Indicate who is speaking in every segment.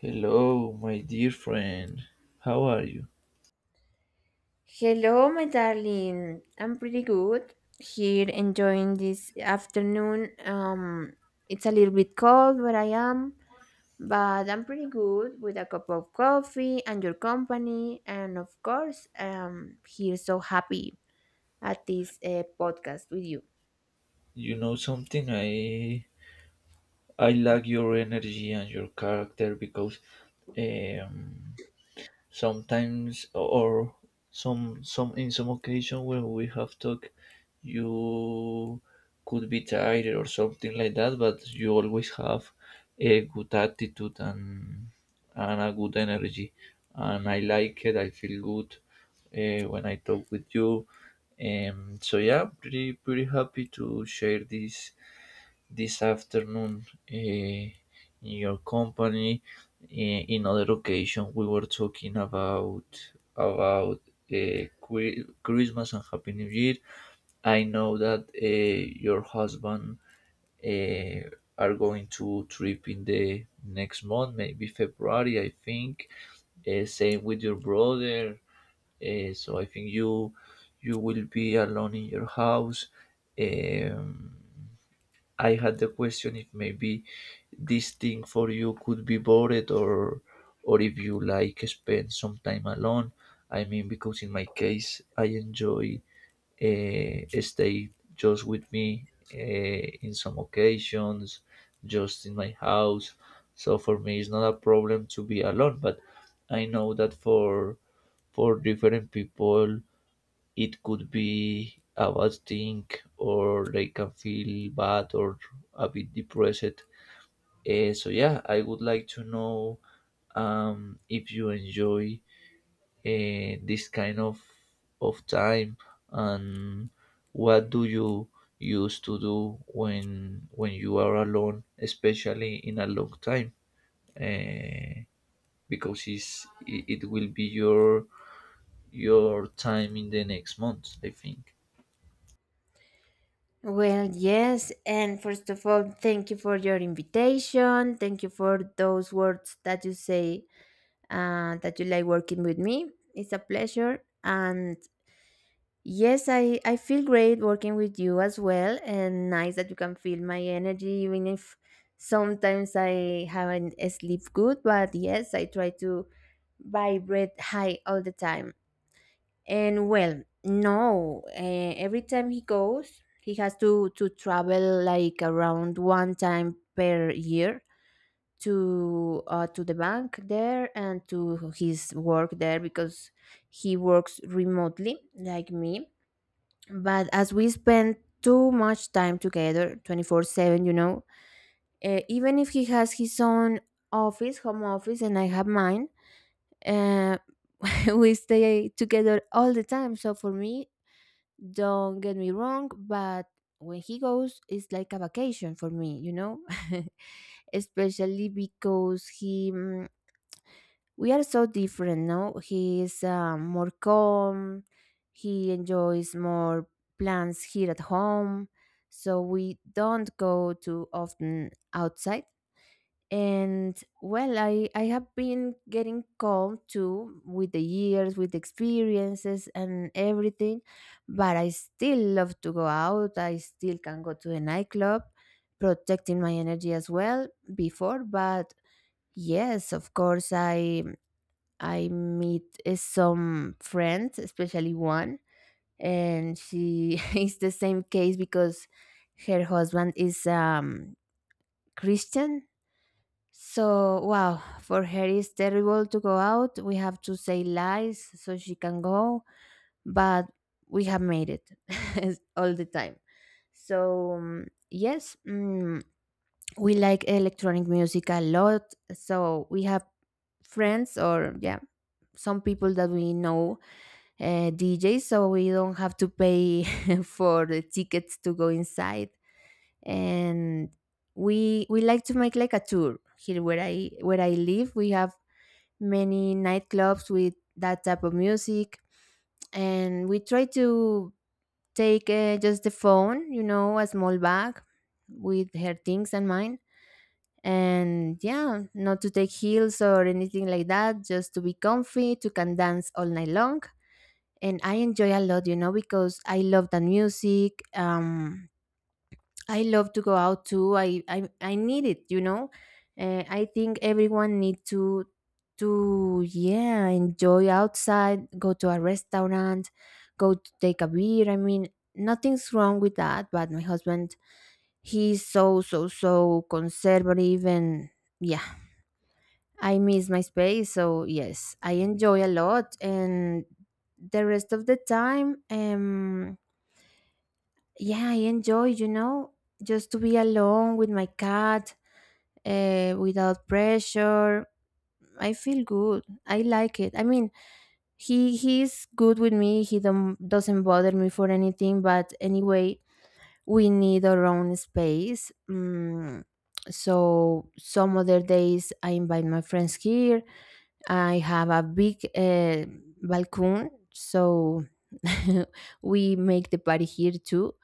Speaker 1: Hello, my dear friend. How are you?
Speaker 2: Hello, my darling. I'm pretty good here, enjoying this afternoon. It's a little bit cold where I am, but I'm pretty good with a cup of coffee and your company. And of course, here so happy at this podcast with you.
Speaker 1: You know something? I like your energy and your character because um, sometimes, or some in some occasion when we have talk, you could be tired or something like that, but you always have a good attitude and a good energy, and I like it. I feel good when I talk with you. So yeah, pretty happy to share this afternoon in your company. In other occasion, we were talking about Christmas and Happy New Year. I know that your husband uh, are going to trip in the next month, maybe February, I think. Same with your brother. So I think you will be alone in your house. Um, I had the question if maybe this thing for you could be bored or if you like spend some time alone. I mean, because in my case, I enjoy stay just with me in some occasions, just in my house. So for me, it's not a problem to be alone. But I know that for different people, it could be a bad thing, or they can feel bad or a bit depressed. So yeah, I would like to know if you enjoy this kind of time and what do you used to do when you are alone, especially in a long time, uh, because it will be your time in the next month, I think.
Speaker 2: Well, yes, and first of all, thank you for your invitation. Thank you for those words that you say that you like working with me. It's a pleasure. And yes, I feel great working with you as well, and nice that you can feel my energy, even if sometimes I haven't sleep good. But yes, I try to vibrate high all the time. And well, no, every time he goes, he has to travel like around one time per year to the bank there and to his work there, because he works remotely like me, but as we spend too much time together 24/7, even if he has his own office, home office, and I have mine, uh, we stay together all the time. So for me, don't get me wrong, but when he goes, it's like a vacation for me, especially because we are so different, no? He is more calm, he enjoys more plans here at home, so we don't go too often outside. And well, I have been getting calm too with the years, with experiences and everything, but I still love to go out, I still can go to a nightclub, protecting my energy as well before. But yes, of course, I meet some friends, especially one, and she is the same case because her husband is Christian. So, wow, for her it's terrible to go out. We have to say lies so she can go, but we have made it all the time. So, yes, we like electronic music a lot. So, we have friends, or yeah, some people that we know DJ, so we don't have to pay for the tickets to go inside. And we like to make like a tour here where I live. We have many nightclubs with that type of music, and we try to take just the phone, a small bag with her things and mine. And yeah, not to take heels or anything like that, just to be comfy, to can dance all night long. And I enjoy a lot, because I love the music. I love to go out too. I need it. I think everyone need to enjoy outside, go to a restaurant, go to take a beer. I mean, nothing's wrong with that. But my husband, he's so so so conservative. And yeah, I miss my space, so yes, I enjoy a lot. And the rest of the time, yeah, I enjoy, just to be alone with my cat, without pressure. I feel good. I like it. I mean, he's good with me. He don't, doesn't bother me for anything. But anyway, we need our own space. So some other days I invite my friends here. I have a big balcony, so we make the party here too.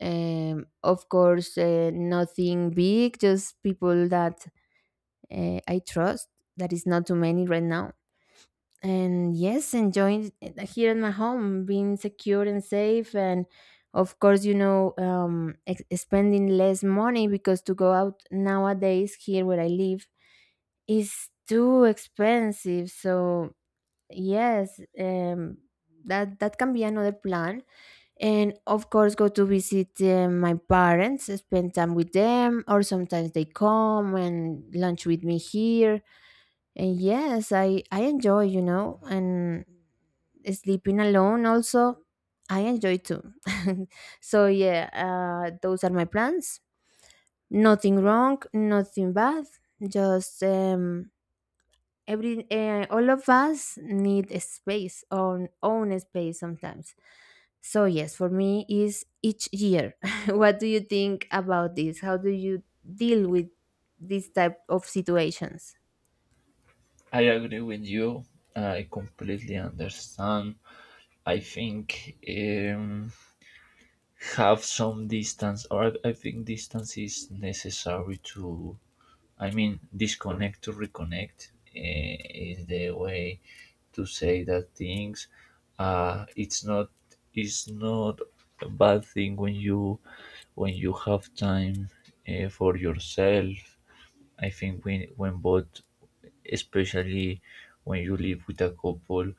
Speaker 2: Of course, nothing big, just people that I trust. That is not too many right now. And yes, enjoying it here in my home, being secure and safe, and of course, spending less money because to go out nowadays here where I live is too expensive. So yes, that can be another plan, and of course go to visit my parents, spend time with them, or sometimes they come and lunch with me here. And yes, I enjoy, and sleeping alone also, I enjoy too. So yeah, those are my plans, nothing wrong, nothing bad, just every all of us need a space, on own space sometimes. So yes, for me is each year. What do you think about this? How do you deal with this type of situations?
Speaker 1: I agree with you. I completely understand. I think have some distance, or I think distance is necessary to, I mean, disconnect to reconnect is the way to say that things. Uh, it's not it's not a bad thing when you have time for yourself. I think when both, especially when you live with a couple,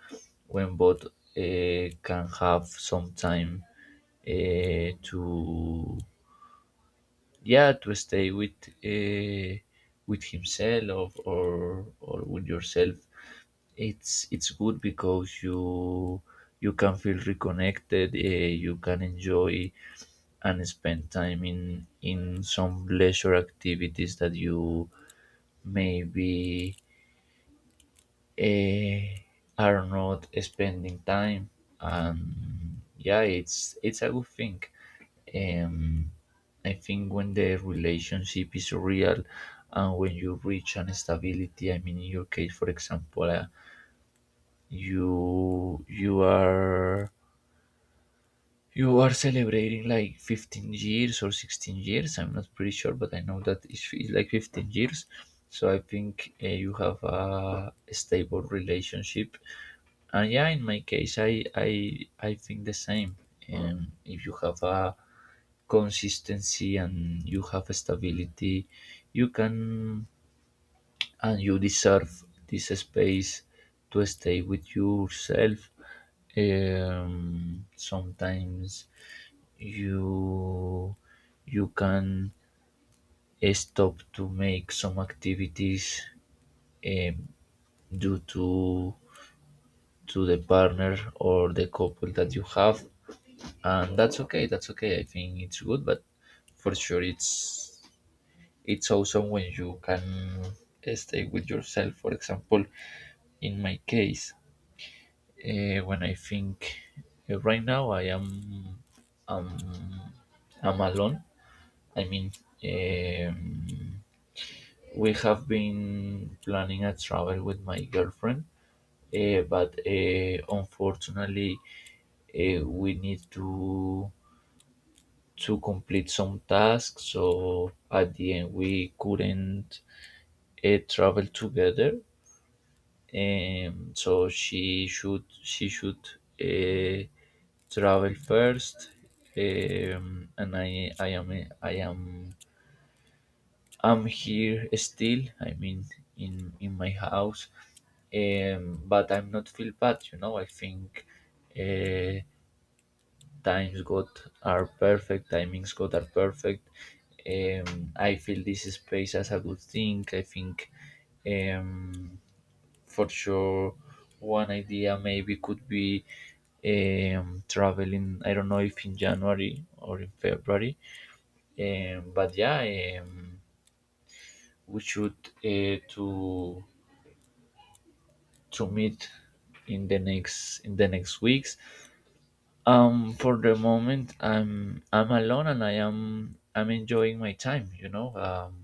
Speaker 1: when both can have some time to yeah to stay uh, with himself or with yourself, it's good because you can feel reconnected. You can enjoy and spend time in some leisure activities that you maybe eh, are not spending time, and yeah, it's a good thing. um, I think when the relationship is real and when you reach an stability, I mean, in your case, for example, you you are you are celebrating like 15 years or 16 years. I'm not pretty sure, but I know that it's like 15 years. So I think you have a stable relationship. And yeah, in my case, I I think the same. If you have a consistency and you have stability, you can and you deserve this space to stay with yourself. Sometimes you you can stop to make some activities um, due to the partner or the couple that you have, and that's okay. That's okay. I think it's good, but for sure it's awesome when you can stay with yourself. For example, in my case. When I think right now, um, I'm alone. I mean, um, we have been planning a travel with my girlfriend, but unfortunately, we need to complete some tasks. So at the end, we couldn't travel together. So she should uh, travel first, and I am I'm here still. I mean, in my house, but I'm not feel bad. You know, I think uh, times got are perfect. Timings got are perfect. I feel this space as a good thing. I think um, for sure one idea maybe could be traveling. I don't know if in January or in February, but yeah um, we should uh, to to meet in the next weeks. For the moment I'm alone and I'm enjoying my time, you know.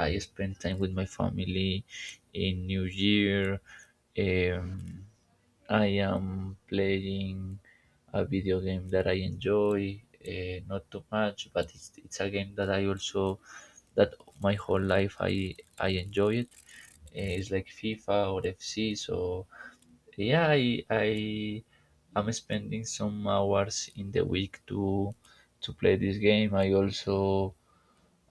Speaker 1: I spend time with my family in New Year. Um, I am playing a video game that I enjoy, not too much, but it's a game that I also that my whole life I enjoy it. It's like FIFA or FC, so yeah, I am spending some hours in the week to play this game.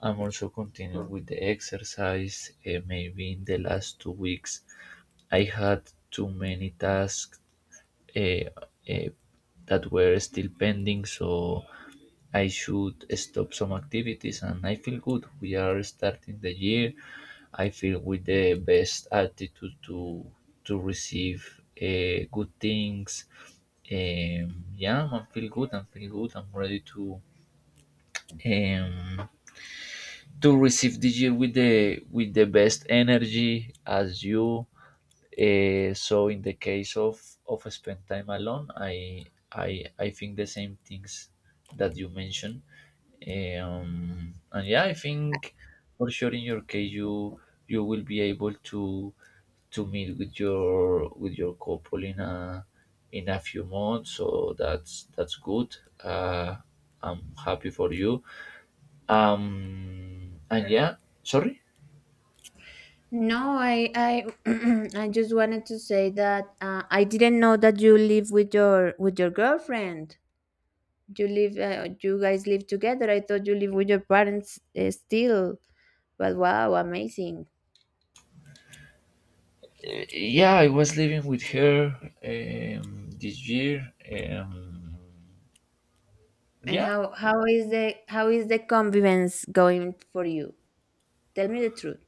Speaker 1: I'm also continuing with the exercise. Maybe in the last 2 weeks, I had too many tasks eh, eh, that were still pending, so I should stop some activities. And I feel good. We are starting the year. I feel with the best attitude to receive good things. Yeah, I feel good. I feel good. I'm ready um, to receive this year with the best energy as you. So in the case of spend time alone, I think the same things that you mentioned. And yeah, I think for sure in your case you will be able to meet with your couple in a few months, so that's good. uh I'm happy for you. And yeah, sorry.
Speaker 2: No, I I just wanted to say that I didn't know that you live with your girlfriend. You live you guys live together. I thought you live with your parents still. But wow, amazing.
Speaker 1: Yeah, I was living with her um, this year. Um,
Speaker 2: And
Speaker 1: yeah,
Speaker 2: how is the convivence going for you? Tell me the truth.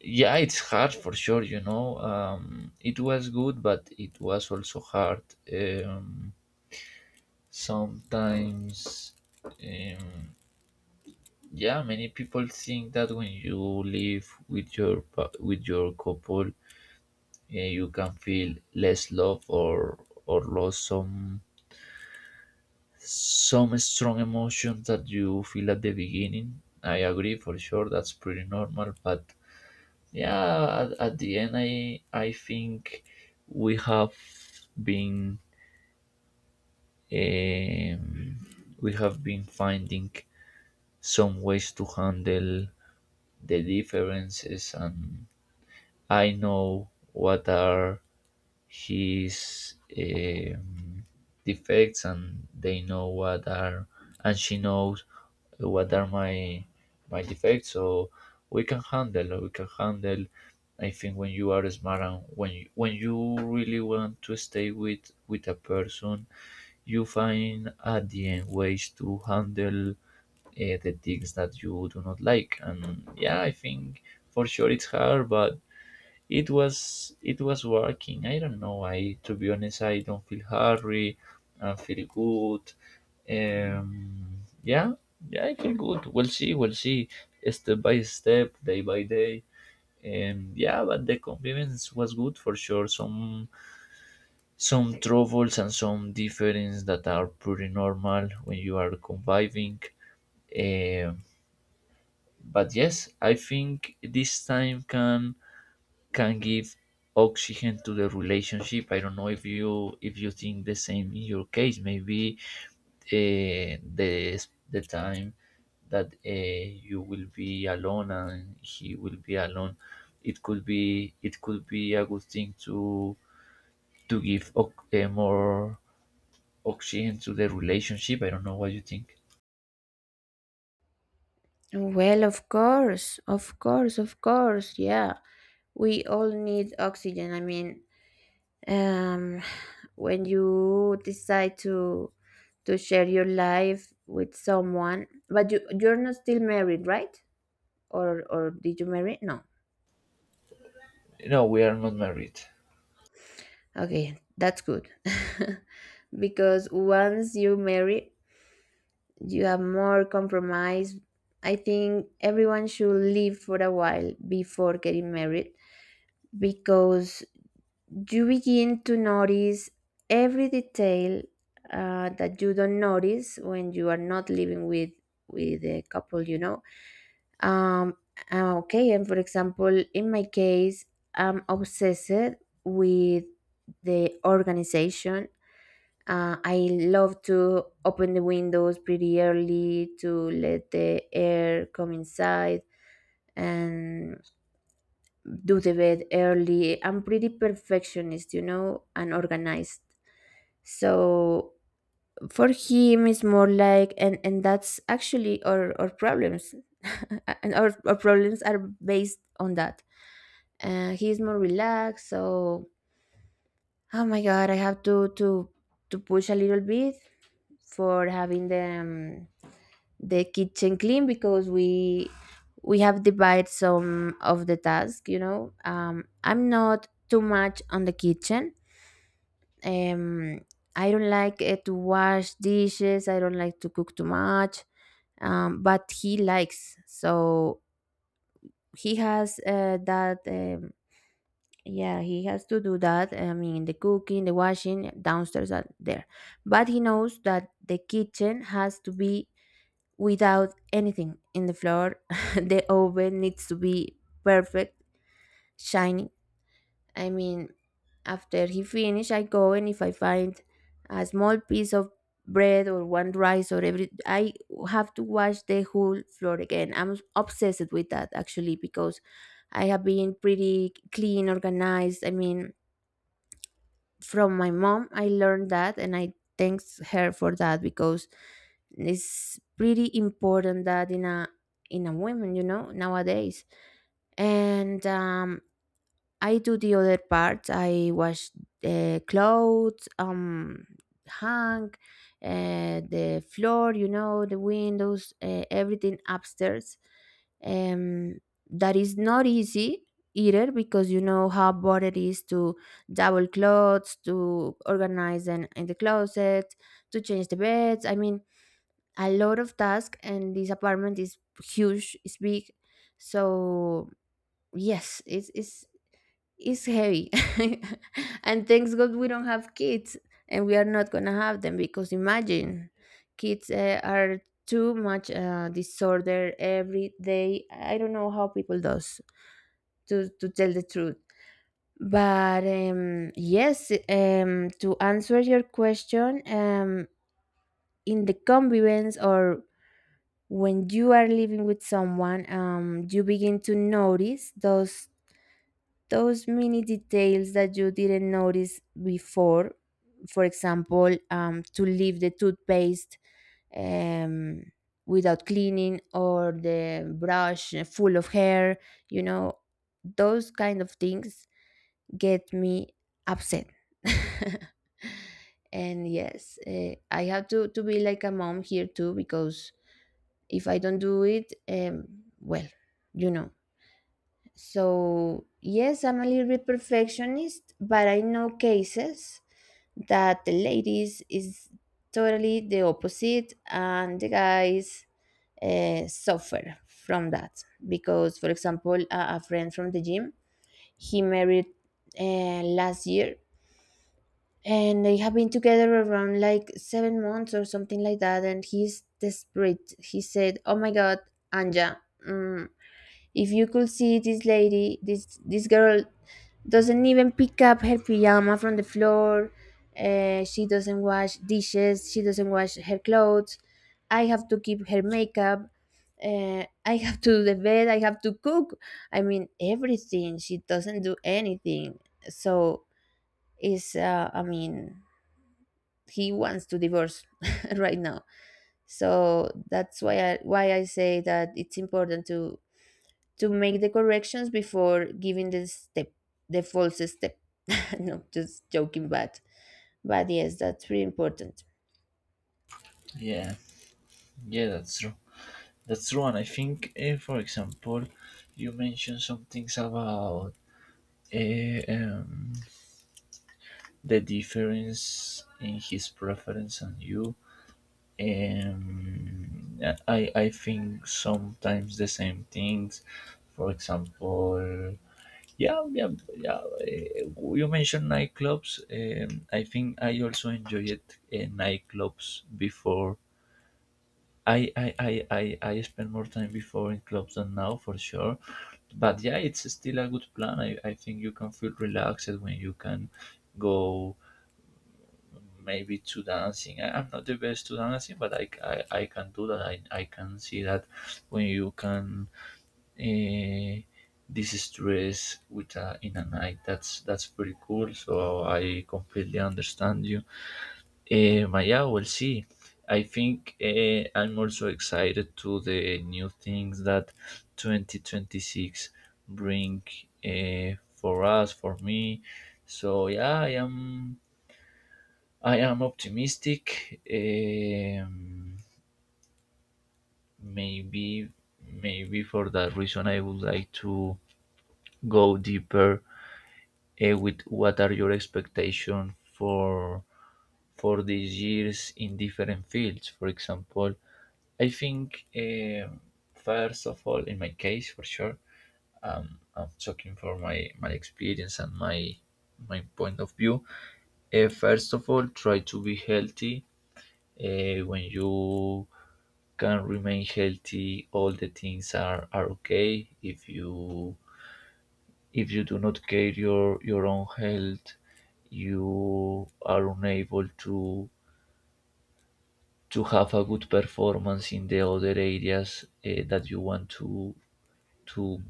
Speaker 1: yeah, it's hard for sure. You know, it was good, but it was also hard. Um, sometimes, um, yeah, many people think that when you live with your with your couple, you can feel less love or lost some strong emotions that you feel at the beginning. I agree for sure, that's pretty normal. But yeah, at the end, I think we have been um, finding some ways to handle the differences, and I know what are his defects and they know what are and she knows what are my defects. So we can handle we can handle. I think when you are smart and when you really want to stay with a person, you find at the end ways to handle the things that you do not like. And yeah, I think for sure it's hard, but it was working. I don't know. I to be honest, I don't feel hurry. I feel good. Yeah, yeah, I feel good. We'll see. We'll see. Step by step, day by day. Yeah, but the compliments was good for sure. Some troubles and some difference that are pretty normal when you are conviving. Um, but yes, I think this time can give oxygen to the relationship. I don't know if you think the same in your case. Maybe uh, the the time that you will be alone and he will be alone, it could be a good thing to more oxygen to the relationship. I don't know what you think.
Speaker 2: Well, of course, of course, of course, yeah, we all need oxygen. I mean, um when you decide to share your life with someone, but you're not still married, right? Or did you marry? No.
Speaker 1: No, we are not married.
Speaker 2: Okay, that's good. Because once you marry, you have more compromise. I think everyone should live for a while before getting married, because you begin to notice every detail that you don't notice when you are not living with a couple. Um, okay, and for example, in my case, I'm obsessed with the organization. I love to open the windows pretty early to let the air come inside and do the bed early. I'm pretty perfectionist, and organized. So for him, it's more like, and that's actually our problems. And our problems are based on that. He's more relaxed, so oh my god, I have to push a little bit for having them the kitchen clean, because we have divided some of the task. I'm not too much on the kitchen. um, I don't like to wash dishes. I don't like to cook too much, but he likes, so he has uh, that um, yeah he has to do that. I mean, the cooking, the washing downstairs, are there, but he knows that the kitchen has to be without anything in the floor. The oven needs to be perfect, shiny. I mean, after he finish, I go, and if I find a small piece of bread or one rice or every, I have to wash the whole floor again. I'm obsessed with that, actually, because I have been pretty clean, organized. I mean, from my mom, I learned that, and I thanks her for that because it's pretty important that in a woman, nowadays. And I do the other part. I wash the clothes, hang, the floor, the windows, everything upstairs. um that is not easy either, because you know how hard it is to double clothes, to organize them in the closet, to change the beds. I mean, a lot of tasks, and this apartment is huge. It's big. So yes, it's heavy. And thanks god we don't have kids, and we are not gonna have them because imagine, kids are too much disorder every day. I don't know how people does, to tell the truth. But yes, to answer your question, in the convivence, or when you are living with someone, you begin to notice those mini details that you didn't notice before. For example, to leave the toothpaste um, without cleaning, or the brush full of hair. You know, those kind of things get me upset. And yes, I have to be like a mom here too, because if I don't do it, well, you know. So yes, I'm a little bit perfectionist, but I know cases that the ladies is totally the opposite, and the guys suffer from that. Because, for example, a friend from the gym, he married last year, and they have been together around like 7 months or something like that, and he's desperate. He said, oh my god, Anja, mm, if you could see this lady, this girl doesn't even pick up her pyjama from the floor. She doesn't wash dishes, she doesn't wash her clothes. I have to keep her makeup, I have to do the bed, I have to cook. I mean, everything, she doesn't do anything. So it's, I mean, he wants to divorce right now. So that's why I say that it's important to make the corrections before giving the step, the false step. No, just joking, but yes, that's really important.
Speaker 1: Yeah, yeah, that's true. That's true. And I think for example, you mentioned some things about eh, um, the difference in his preference and you. Um, I think sometimes the same things. For example, yeah, yeah, yeah. You mentioned nightclubs. I think I also enjoyed nightclubs before. I spend more time before in clubs than now for sure. But yeah, it's still a good plan. I think you can feel relaxed when you can go maybe to dancing. I'm not the best to dancing, but I can do that. I can see that when you can uh, distress with a, in a night, that's pretty cool. So I completely understand you. Maya, we'll see. I think I'm also excited to the new things that 2026 bring for us, for me. So yeah, I am optimistic. Maybe, maybe for that reason, I would like to go deeper with what are your expectations for these years in different fields. For example, I think first of all, in my case, for sure, I'm talking for my experience and my point of view. First of all, try to be healthy when you can remain healthy. All the things are okay if you do not care your own health. You are unable to have a good performance in the other areas that you want to to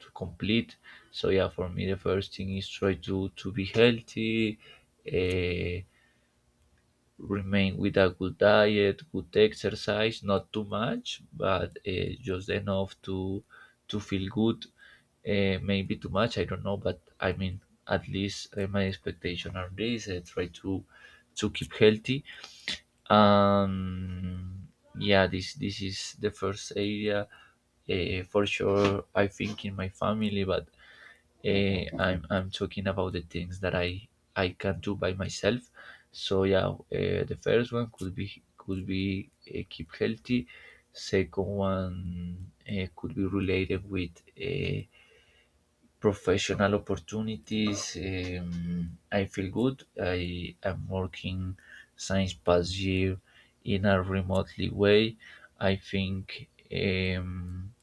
Speaker 1: complete. So yeah, for me the first thing is try to be healthy. eh, Remain with a good diet, good exercise, not too much, but just enough to feel good. Maybe too much, I don't know, but I mean, at least my expectation are this. I try to keep healthy. Um, yeah, this is the first area for sure. I think in my family, but I'm talking about the things that I can do by myself. So yeah, the first one could be keep healthy. Second one could be related with professional opportunities. I feel good. I am working since past year in a remotely way. I think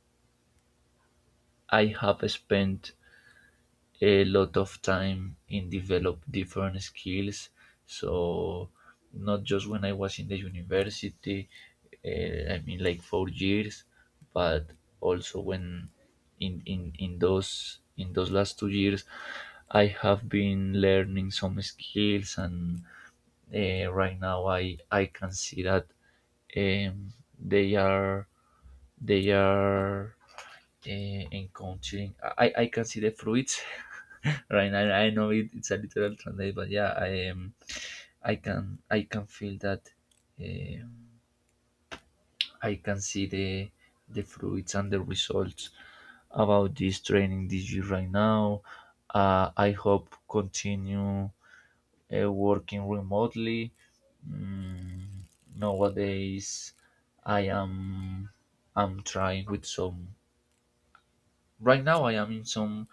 Speaker 1: I have spent a lot of time in develop different skills. So not just when I was in the university, I mean like 4 years, but also when in those last 2 years, I have been learning some skills, and right now I can see that um, they are they are encountering. I can see the fruits right now. I know it, it's a literal translate, but yeah, I am. I can feel that. eh, I can see the fruits and the results about this training this year right now. I hope continue working remotely. Mm, nowadays, I am I'm trying with some Right now, I am in some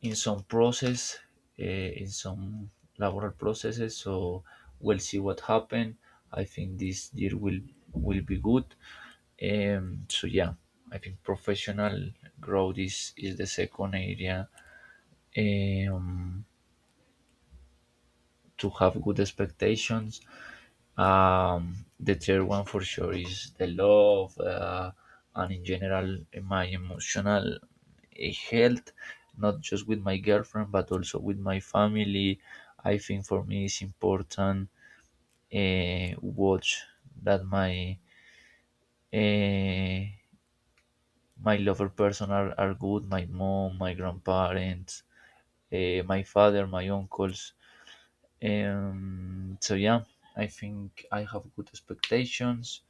Speaker 1: in some process, uh, in some laboral processes. So we'll see what happen. I think this year will be good. So yeah, I think professional growth is the second area um, to have good expectations. The third one for sure is the love, and in general my emotional health, not just with my girlfriend but also with my family. I think for me it's important watch that my uh, my lover person are good, my mom, my grandparents, my father, my uncles. So yeah, I think I have good expectations.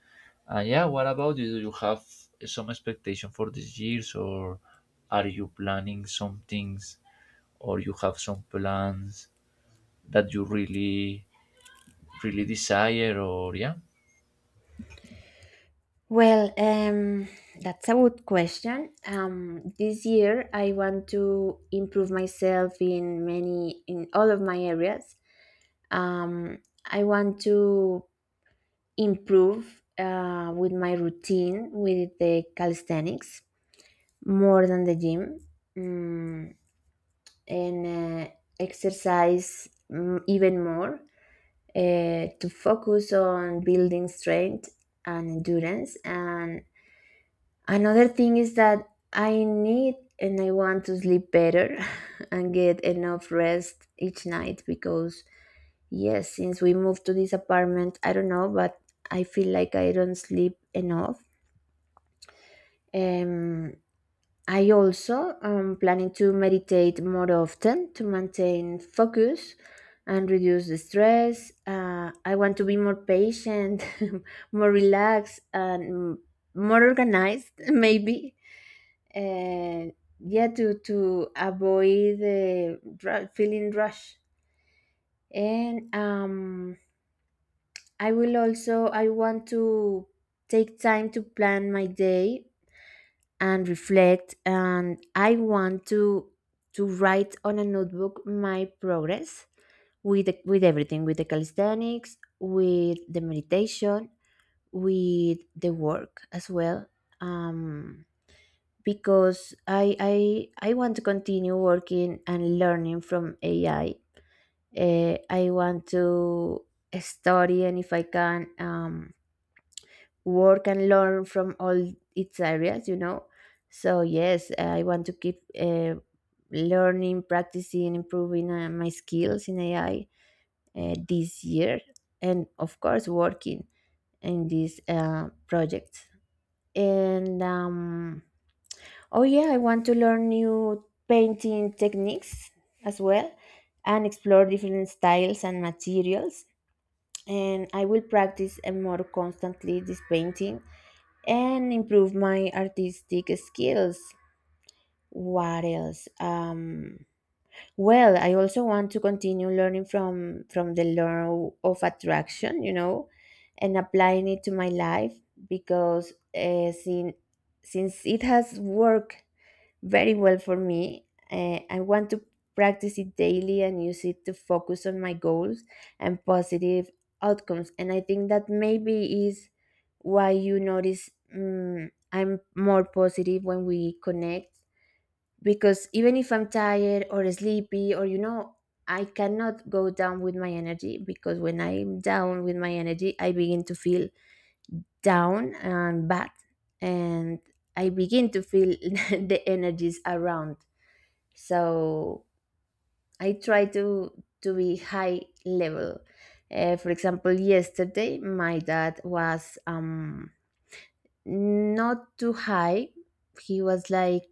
Speaker 1: And yeah, what about you? Do you have some expectation for these years, or are you planning some things, or you have some plans that you really, really desire, or yeah?
Speaker 2: Well, that's a good question. This year, I want to improve myself in many in all of my areas. I want to improve with my routine with the calisthenics more than the gym, mm, and exercise, even more, to focus on building strength and endurance. And another thing is that I need and I want to sleep better and get enough rest each night, because yes, since we moved to this apartment, I don't know, but I feel like I don't sleep enough. Um, I also am planning to meditate more often to maintain focus and reduce the stress. I want to be more patient, more relaxed, and more organized, maybe. And yeah, to avoid the feeling rush. And I will also, I want to take time to plan my day and reflect, and I want to write on a notebook my progress with with everything, with the calisthenics, with the meditation, with the work as well, um because I want to continue working and learning from AI. I want to study, and if I can, work and learn from all its areas, you know. So yes, I want to keep learning, practicing, improving my skills in AI this year, and of course working in these projects. And oh yeah, I want to learn new painting techniques as well, and explore different styles and materials. And I will practice more constantly this painting, and improve my artistic skills. What else? Well, I also want to continue learning from the law of attraction, you know, and applying it to my life, because since it has worked very well for me. I want to practice it daily and use it to focus on my goals and positive outcomes. And I think that maybe is why you notice, mm, I'm more positive when we connect, because even if I'm tired or sleepy, or I cannot go down with my energy, because when I'm down with my energy, I begin to feel down and bad, and I begin to feel the energies around. So I try to be high level. For example, yesterday my dad was, not too high. He was like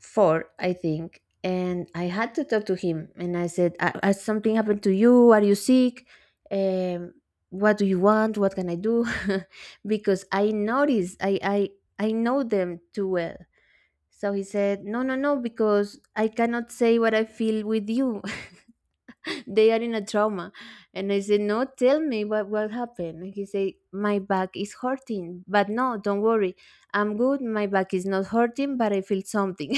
Speaker 2: four, I think, and I had to talk to him, and I said, Has something happened to you? Are you sick? um what do you want? What can I do?" Because I noticed, I know them too well. So he said, "No, no, no, because I cannot say what I feel with you. They are in a trauma." And I said, "No, tell me what happened." And he said, "My back is hurting, but no, don't worry, I'm good. My back is not hurting, but I feel something."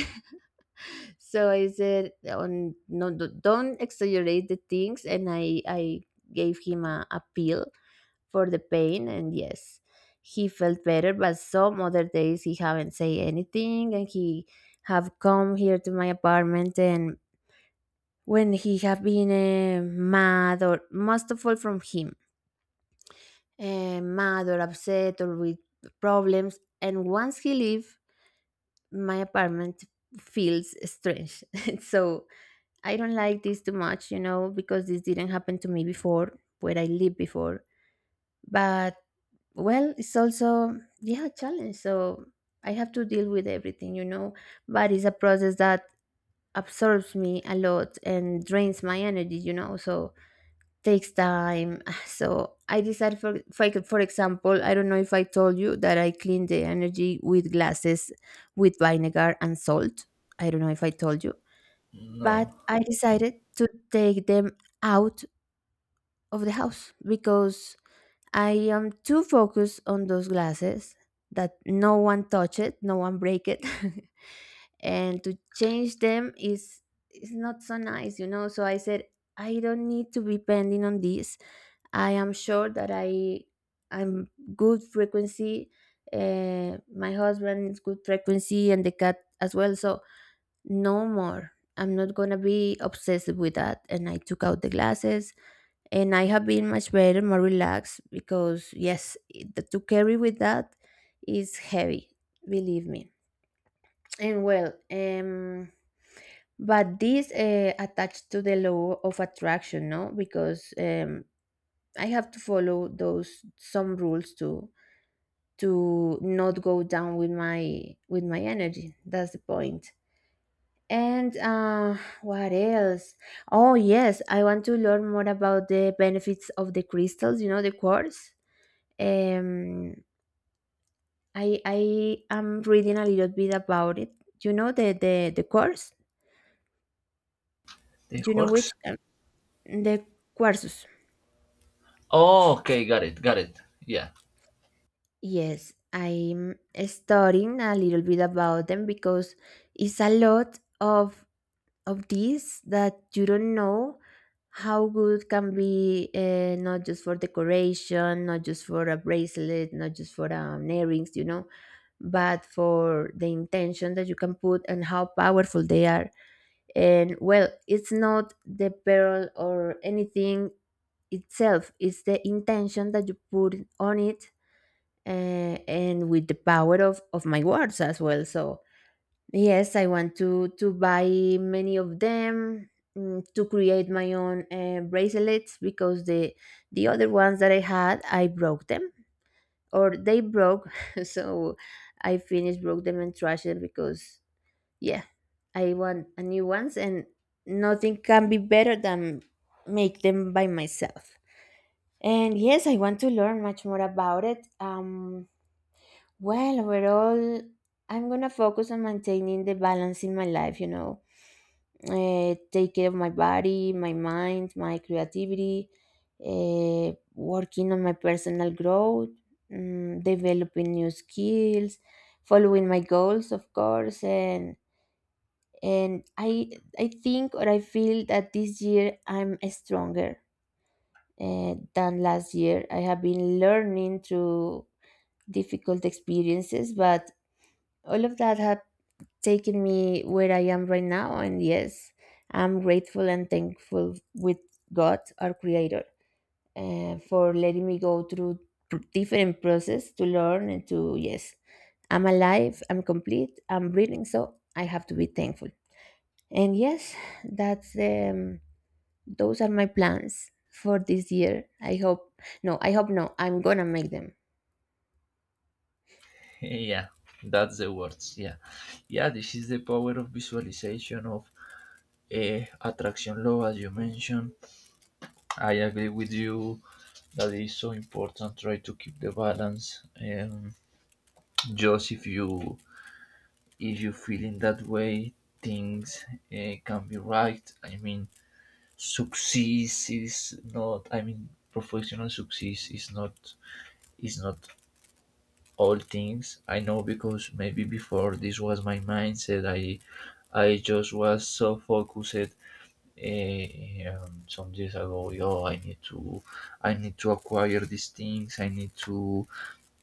Speaker 2: So I said, on no, don't exaggerate the things." And I gave him a pill for the pain, and yes, he felt better. But some other days he haven't say anything, and he have come here to my apartment, and when he have been mad, or most of all from him, mad or upset or with problems, and once he leave my apartment, feels strange. So I don't like this too much, you know, because this didn't happen to me before, where I lived before. But well, it's also, yeah, a challenge. So I have to deal with everything, you know. But it's a process that absorbs me a lot and drains my energy, you know, so takes time. So I decided, for for example, I don't know if I told you that I clean the energy with glasses, with vinegar and salt. I don't know if I told you, but
Speaker 1: No,
Speaker 2: I
Speaker 1: in
Speaker 2: decided to take them out of the house, because I am too focused on those glasses, that no one touch it, no one break it. And to change them is not so nice, you know. So I said, I don't need to be pending on this. I am sure that I'm good frequency. My husband is good frequency, and the cat as well. So no more. I'm not gonna be obsessed with that. And I took out the glasses, and I have been much better, more relaxed, because yes, it, to carry with that is heavy. Believe me. And well, but this attached to the law of attraction, no? Because I have to follow those some rules to not go down with my energy. That's the point. And what else? Oh yes, I want to learn more about the benefits of the crystals. You know, the quartz. Um, I am reading a little bit about it. You know, the quartz.
Speaker 1: the
Speaker 2: You know which,
Speaker 1: works.
Speaker 2: the quartz.
Speaker 1: Oh, okay, got it, got it. Yeah,
Speaker 2: Yes, I'm studying a little bit about them, because it's a lot of these that you don't know how good can be, not just for decoration, not just for a bracelet, not just for earrings, you know, but for the intention that you can put, and how powerful they are. And well, it's not the pearl or anything itself; it's the intention that you put on it and with the power of my words as well. So yes, I want to buy many of them, mm, to create my own bracelets, because the other ones that I had, I broke them, or they broke. So I finished broke them and trashed them, because yeah, I want a new ones, and nothing can be better than make them by myself. And yes, I want to learn much more about it. Well, overall, I'm gonna focus on maintaining the balance in my life, you know, take care of my body, my mind, my creativity, working on my personal growth, mm, developing new skills, following my goals, of course, and and I I think, or I feel, that this year I'm stronger than last year. I have been learning through difficult experiences, but all of that have taken me where I am right now. And yes, I'm grateful and thankful with God, our creator, for letting me go through different process to learn and to, yes, I'm alive, I'm complete, I'm breathing. So I have to be thankful. And yes, that's, those are my plans for this year. I hope no, I'm going to make them.
Speaker 1: yeah, that's the words. Yeah, yeah. This is the power of visualization of attraction law, as you mentioned. I agree with you that it is so important. Try to keep the balance. Just if you feeling that way things can be right. I mean success is not, I mean professional success is not, is not all things, I know, because maybe before this was my mindset. I just was so focused. Some days ago, yo, I need to acquire these things. I need to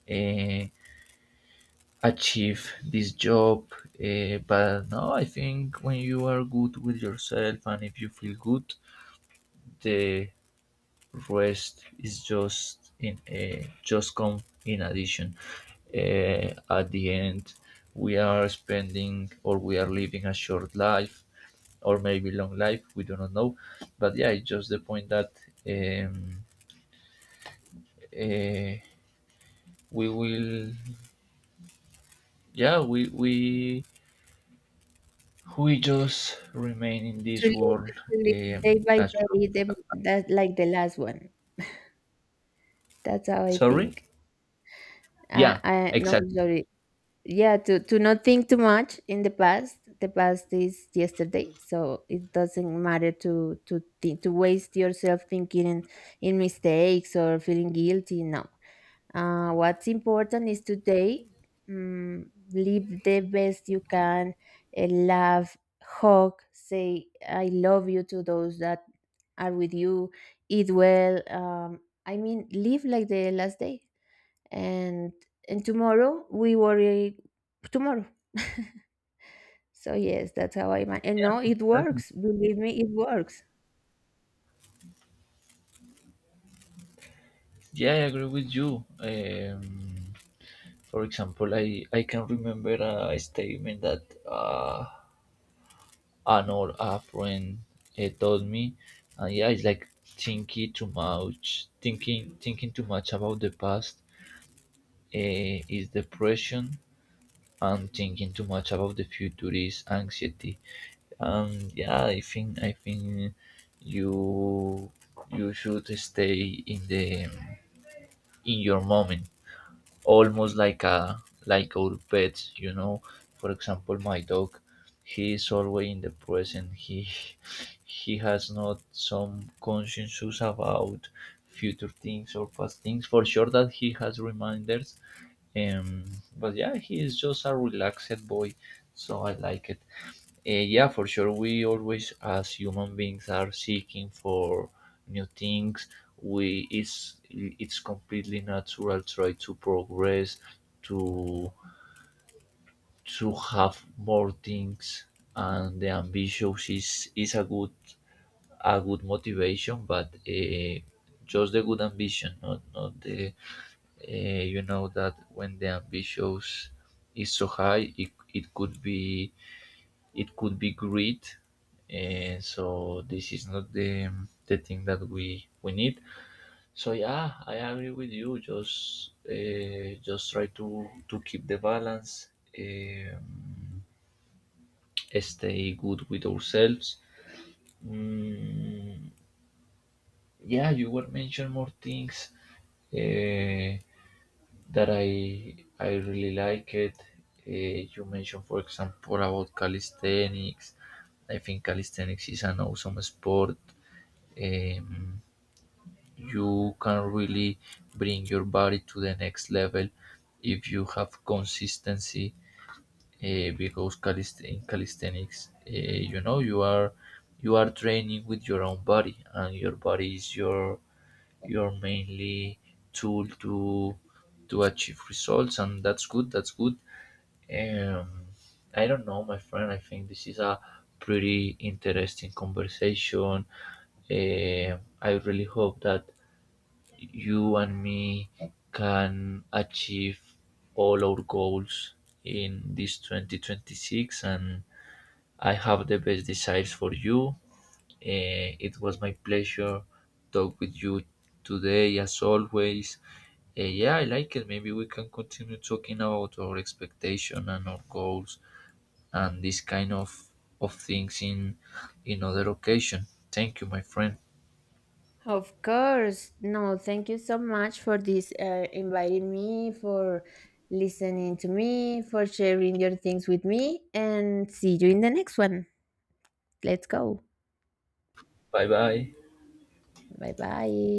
Speaker 1: uh, achieve this job. But no, I think when you are good with yourself and if you feel good, the rest is just in a, just come in addition. At the end, we are spending or we are living a short life or maybe long life. We do not know, but yeah, it's just the point that um, uh, we will. Yeah, we we just remain in this world
Speaker 2: To live day
Speaker 1: um,
Speaker 2: by
Speaker 1: as you.
Speaker 2: day, them that like the last one. That's how I
Speaker 1: Sorry?
Speaker 2: think.
Speaker 1: Yeah,
Speaker 2: I no
Speaker 1: exactly.
Speaker 2: Sorry. Yeah, to not think too much in the past. The past is yesterday, so it doesn't matter to think, to waste yourself thinking in mistakes or feeling guilty. No, what's important is today. Live the best you can. Love, hug, say I love you to those that are with you. Eat well. I mean, live like the last day, and tomorrow we worry tomorrow. So yes, that's how I man- and no, it
Speaker 1: Exactly.
Speaker 2: works, believe me, it works.
Speaker 1: Yeah, I agree with you. For example, I can remember a statement that an old a friend told me, and yeah, it's like thinking too much, thinking too much about the past is depression, and thinking too much about the future is anxiety. Yeah, I think you you should stay in the in your moment, almost like a like our pets. You know, for example, my dog, he is always in the present. He has not some consciences about future things or past things. For sure that he has reminders. Um, but yeah, he is just a relaxed boy, so I like it. Yeah, for sure. We always, as human beings, are seeking for new things. We, it's completely natural try to progress, to to have more things, and the ambition is a good motivation, but just the good ambition, not not the uh, you know that when the ambition is so high, it could be, it could be greed, and so this is not the the thing that we need. So yeah, I agree with you. Just just try to keep the balance, um, stay good with ourselves. mm, yeah, you were mentioning more things uh, that I really like it. You mentioned for example about calisthenics. I think calisthenics is an awesome sport. um, you can really bring your body to the next level if you have consistency, because in calisthenics, you know, you are training with your own body, and your body is your mainly tool to achieve results, and that's good, that's good. um I don't know, my friend, I think this is a pretty interesting conversation. Eh, I really hope that you and me can achieve all our goals in this 2026, and I have the best desires for you. It was my pleasure talk with you today as always. Yeah, I like it. Maybe we can continue talking about our expectation and our goals and this kind of things in other occasion. Thank you, my friend.
Speaker 2: Of course, no, thank you so much for this, inviting me, for listening to me, for sharing your things with me, and see you in the next one. Let's go.
Speaker 1: Bye bye.
Speaker 2: Bye bye.